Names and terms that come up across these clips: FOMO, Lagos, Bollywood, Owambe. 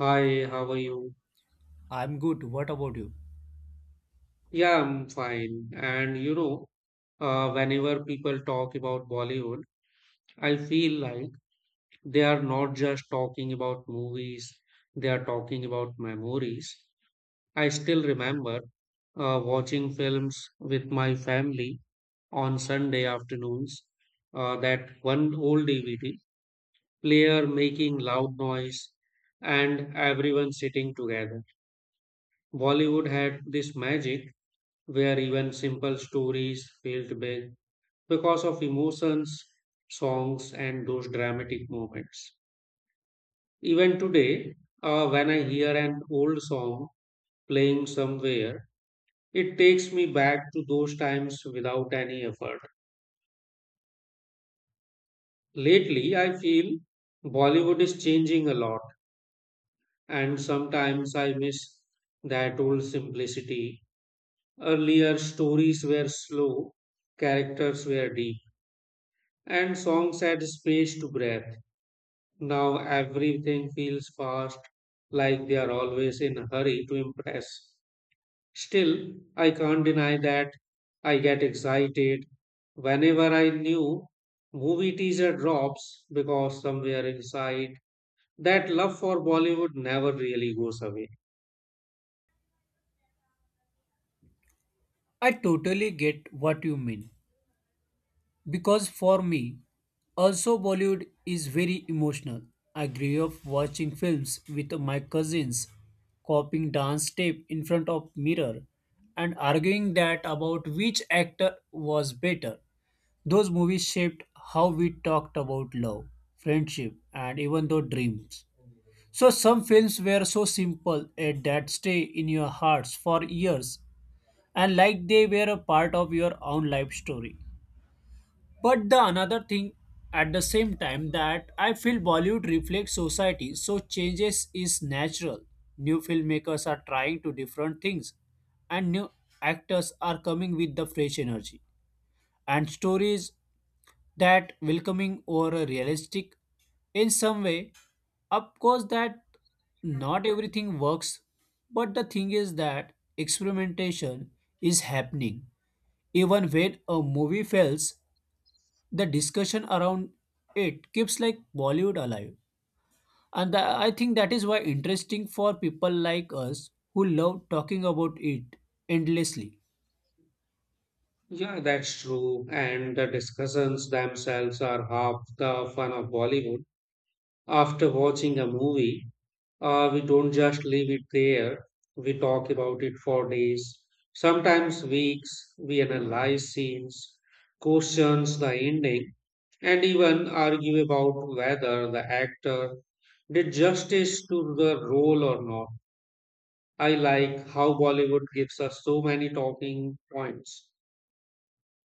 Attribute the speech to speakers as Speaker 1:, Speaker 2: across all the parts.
Speaker 1: Hi, how are you?
Speaker 2: I'm good. What about you?
Speaker 1: Yeah, I'm fine. And you know, whenever people talk about Bollywood, I feel like they are not just talking about movies, they are talking about memories. I still remember watching films with my family on Sunday afternoons, that one old DVD player making loud noise and everyone sitting together. Bollywood had this magic where even simple stories felt big because of emotions, songs, and those dramatic moments. Even today, when I hear an old song playing somewhere, it takes me back to those times without any effort. Lately, I feel Bollywood is changing a lot, and sometimes I miss that old simplicity. Earlier, stories were slow, characters were deep, and songs had space to breathe. Now everything feels fast, like they are always in a hurry to impress. Still, I can't deny that I get excited whenever I new movie teaser drops because somewhere inside that love for Bollywood never really goes away.
Speaker 2: I totally get what you mean. Because for me, also Bollywood is very emotional. I grew up watching films with my cousins, copying dance step in front of mirror, and arguing that about which actor was better. Those movies shaped how we talked about love, friendship, and even though dreams. So some films were so simple that stay in your hearts for years and like they were a part of your own life story, but the another thing at the same time that I feel Bollywood reflects society, so changes is natural. New filmmakers are trying to different things, and new actors are coming with the fresh energy and stories that welcoming or realistic in some way. Of course that not everything works, but the thing is that experimentation is happening. Even when a movie fails, the discussion around it keeps like Bollywood alive. I think that is why interesting for people like us who love talking about it endlessly.
Speaker 1: Yeah, that's true. And the discussions themselves are half the fun of Bollywood. After watching a movie, we don't just leave it there, we talk about it for days, sometimes weeks. We analyze scenes, questions the ending, and even argue about whether the actor did justice to the role or not. I like how Bollywood gives us so many talking points.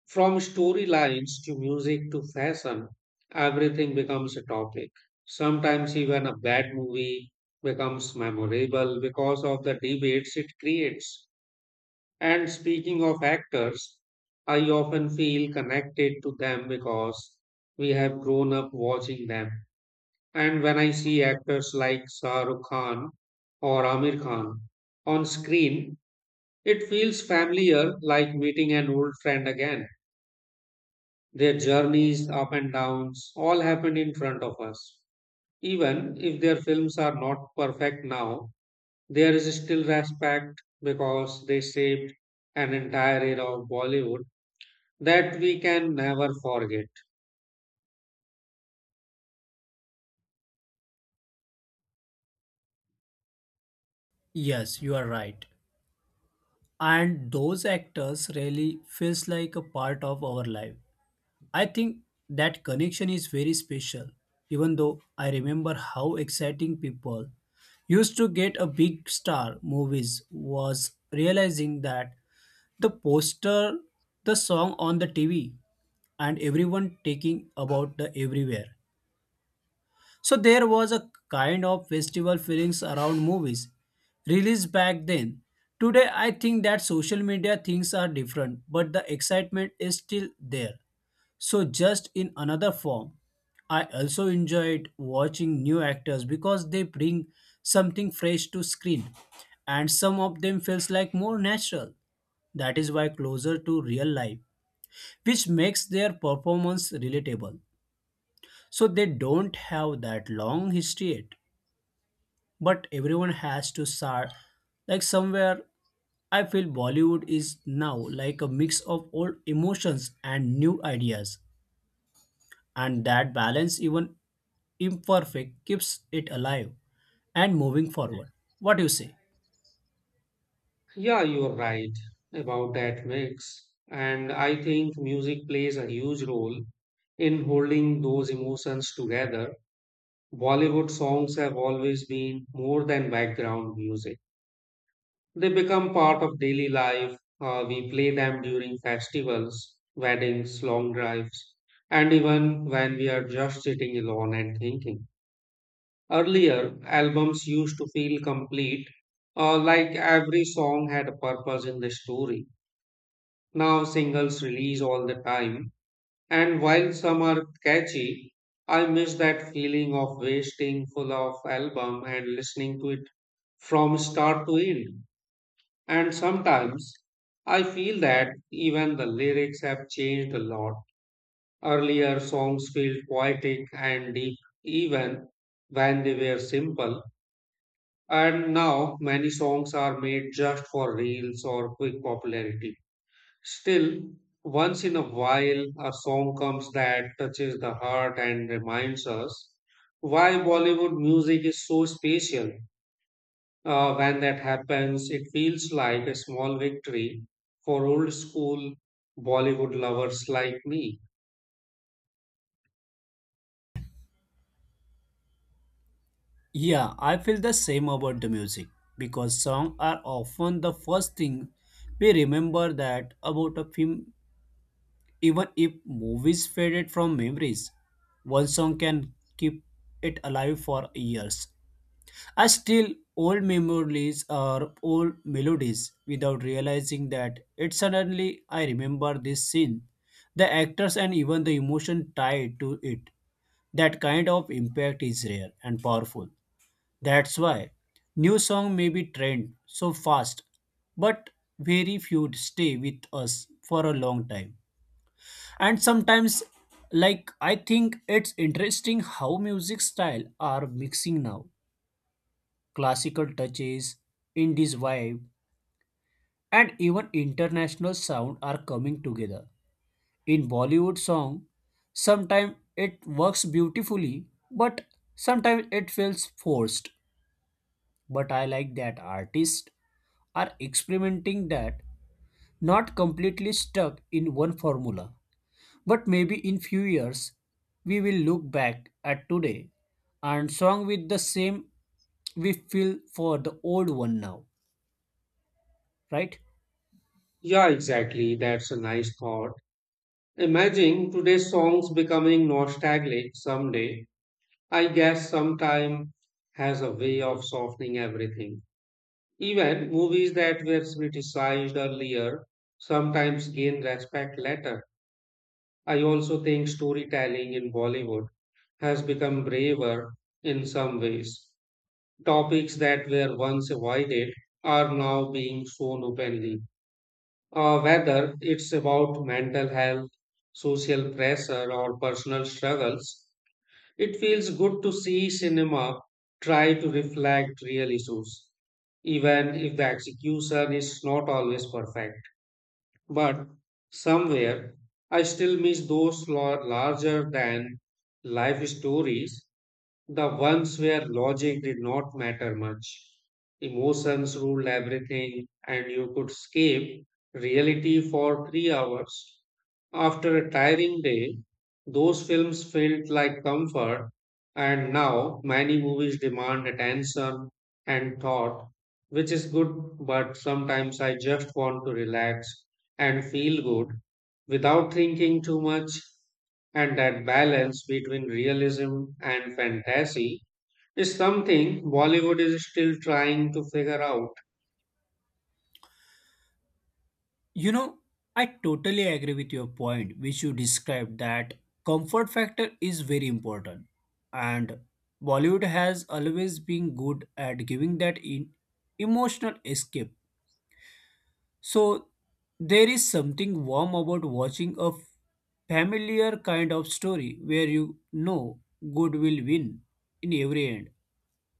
Speaker 1: From storylines to music to fashion, everything becomes a topic. Sometimes even a bad movie becomes memorable because of the debates it creates. And speaking of actors, I often feel connected to them because we have grown up watching them. And when I see actors like Shah Rukh Khan or Amir Khan on screen, it feels familiar like meeting an old friend again. Their journeys, up and downs, all happened in front of us. Even if their films are not perfect now, there is still respect because they shaped an entire era of Bollywood that we can never forget.
Speaker 2: Yes, you are right. And those actors really feels like a part of our life. I think that connection is very special. Even though I remember how exciting people used to get a big star movies was realizing that the poster, the song on the TV, and everyone taking about the everywhere. So there was a kind of festival feelings around movies released back then. Today I think that social media things are different, but the excitement is still there. So just in another form. I also enjoyed watching new actors because they bring something fresh to screen, and some of them feels like more natural. That is why closer to real life, which makes their performance relatable. So they don't have that long history yet, but everyone has to start like somewhere. I feel Bollywood is now like a mix of old emotions and new ideas, and that balance, even imperfect, keeps it alive and moving forward. What do you say?
Speaker 1: Yeah, you're right about that mix. And I think music plays a huge role in holding those emotions together. Bollywood songs have always been more than background music. They become part of daily life. We play them during festivals, weddings, long drives, and even when we are just sitting alone and thinking. Earlier, albums used to feel complete, like every song had a purpose in the story. Now, singles release all the time, and while some are catchy, I miss that feeling of wasting full of album and listening to it from start to end. And sometimes I feel that even the lyrics have changed a lot. Earlier songs felt poetic and deep even when they were simple. And now many songs are made just for reels or quick popularity. Still, once in a while, a song comes that touches the heart and reminds us why Bollywood music is so special. When that happens, it feels like a small victory for old school Bollywood lovers like me.
Speaker 2: Yeah, I feel the same about the music because songs are often the first thing we remember that about a film. Even if movies faded from memories, one song can keep it alive for years. I still old memories or old melodies without realizing that it suddenly I remember this scene, the actors and even the emotion tied to it. That kind of impact is rare and powerful. That's why new song may be trend so fast, but very few stay with us for a long time. And sometimes like I think it's interesting how music style are mixing now, classical touches, indies vibe, and even international sound are coming together in Bollywood song. Sometimes it works beautifully, but sometimes it feels forced. But I like that artists are experimenting that not completely stuck in one formula. But maybe in few years we will look back at today and song with the same we feel for the old one now, right?
Speaker 1: Yeah, exactly. That's a nice thought. Imagine today's songs becoming nostalgic someday. I guess sometime has a way of softening everything. Even movies that were criticized earlier sometimes gain respect later. I also think storytelling in Bollywood has become braver in some ways. Topics that were once avoided are now being shown openly. Whether it's about mental health, social pressure, or personal struggles, it feels good to see cinema try to reflect real issues, even if the execution is not always perfect. But somewhere, I still miss those larger than life stories, the ones where logic did not matter much. Emotions ruled everything, and you could escape reality for 3 hours. After a tiring day, those films felt like comfort, and now many movies demand attention and thought, which is good, but sometimes I just want to relax and feel good without thinking too much. And that balance between realism and fantasy is something Bollywood is still trying to figure out.
Speaker 2: You know, I totally agree with your point which you described that comfort factor is very important, and Bollywood has always been good at giving that in emotional escape. So there is something warm about watching a familiar kind of story where you know good will win in every end.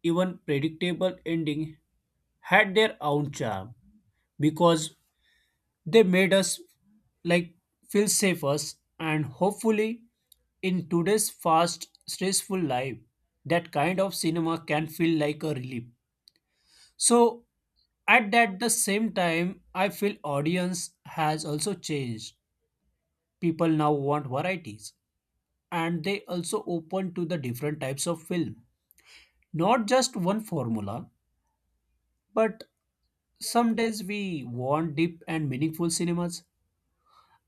Speaker 2: Even predictable ending had their own charm because they made us like feel safer and hopefully in today's fast stressful life that kind of cinema can feel like a relief. So at that the same time, I feel audience has also changed. People now want varieties and they also open to the different types of film. Not just one formula, but some days we want deep and meaningful cinemas.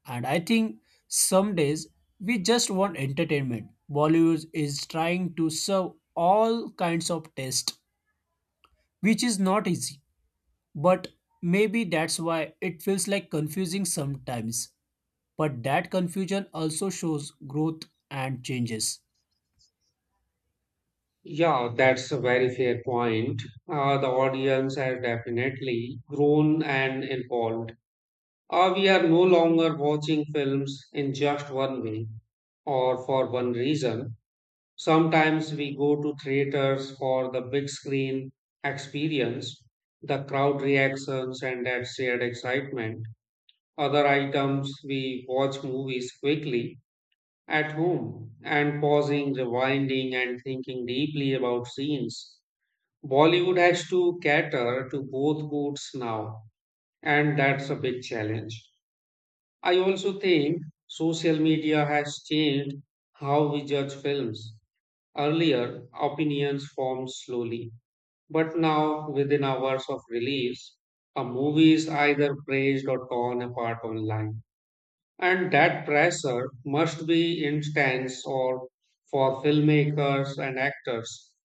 Speaker 2: And I think some days we just want entertainment. Bollywood is trying to serve all kinds of taste, which is not easy. But maybe that's why it feels like confusing sometimes. But that confusion also shows growth and changes.
Speaker 1: Yeah, that's a very fair point. The audience has definitely grown and evolved. We are no longer watching films in just one way or for one reason. Sometimes we go to theaters for the big screen experience, the crowd reactions, and that shared excitement. Other items, we watch movies quickly at home and pausing, rewinding, and thinking deeply about scenes. Bollywood has to cater to both moods now, and that's a big challenge. I also think social media has changed how we judge films. Earlier, opinions formed slowly, but now, within hours of release, a movie is either praised or torn apart online. And that pressure must be intense or for filmmakers and actors.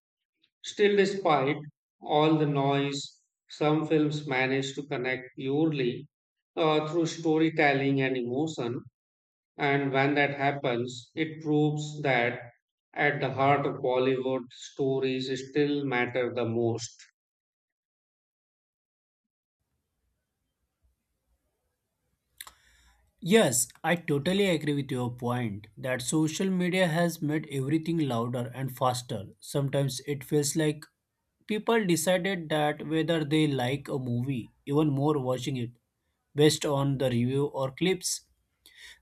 Speaker 1: Still, despite all the noise, some films manage to connect purely through storytelling and emotion, and when that happens, it proves that at the heart of Bollywood, stories still matter the most.
Speaker 2: Yes, I totally agree with your point that social media has made everything louder and faster. Sometimes it feels like people decided that whether they like a movie, even more watching it, based on the review or clips.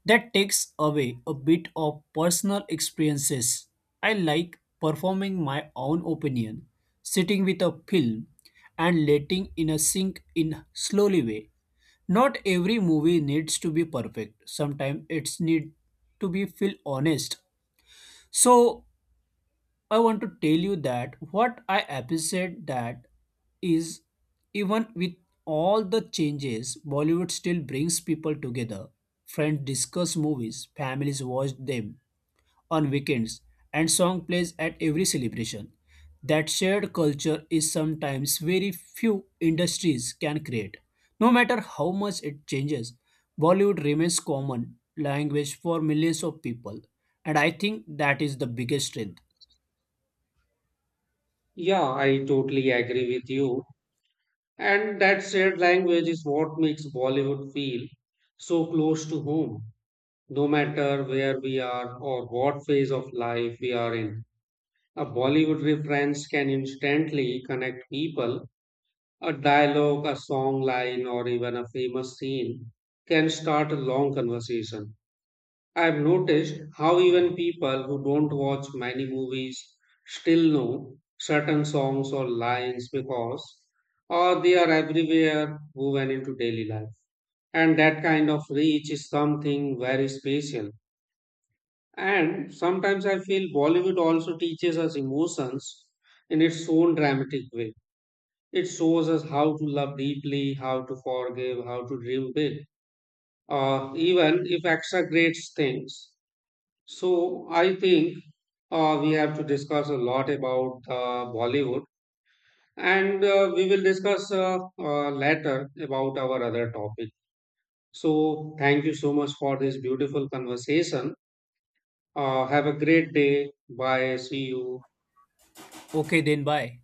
Speaker 2: That takes away a bit of personal experiences. I like performing my own opinion, sitting with a film, and letting in a sink in slowly way. Not every movie needs to be perfect. Sometimes it's need to be feel honest. So I want to tell you that what I appreciate that is even with all the changes, Bollywood still brings people together. Friends discuss movies, families watch them on weekends, and song plays at every celebration. That shared culture is sometimes very few industries can create. No matter how much it changes, Bollywood remains common language for millions of people, and I think that is the biggest strength.
Speaker 1: Yeah, I totally agree with you. And that shared language is what makes Bollywood feel so close to home, no matter where we are or what phase of life we are in. A Bollywood reference can instantly connect people. A dialogue, a song line, or even a famous scene can start a long conversation. I've noticed how even people who don't watch many movies still know certain songs or lines because or they are everywhere woven into daily life. And that kind of reach is something very special. And sometimes I feel Bollywood also teaches us emotions in its own dramatic way. It shows us how to love deeply, how to forgive, how to dream big, even if extra great things. So I think we have to discuss a lot about Bollywood, and we will discuss later about our other topic. So thank you so much for this beautiful conversation. Have a great day. Bye. See you.
Speaker 2: Okay then, bye.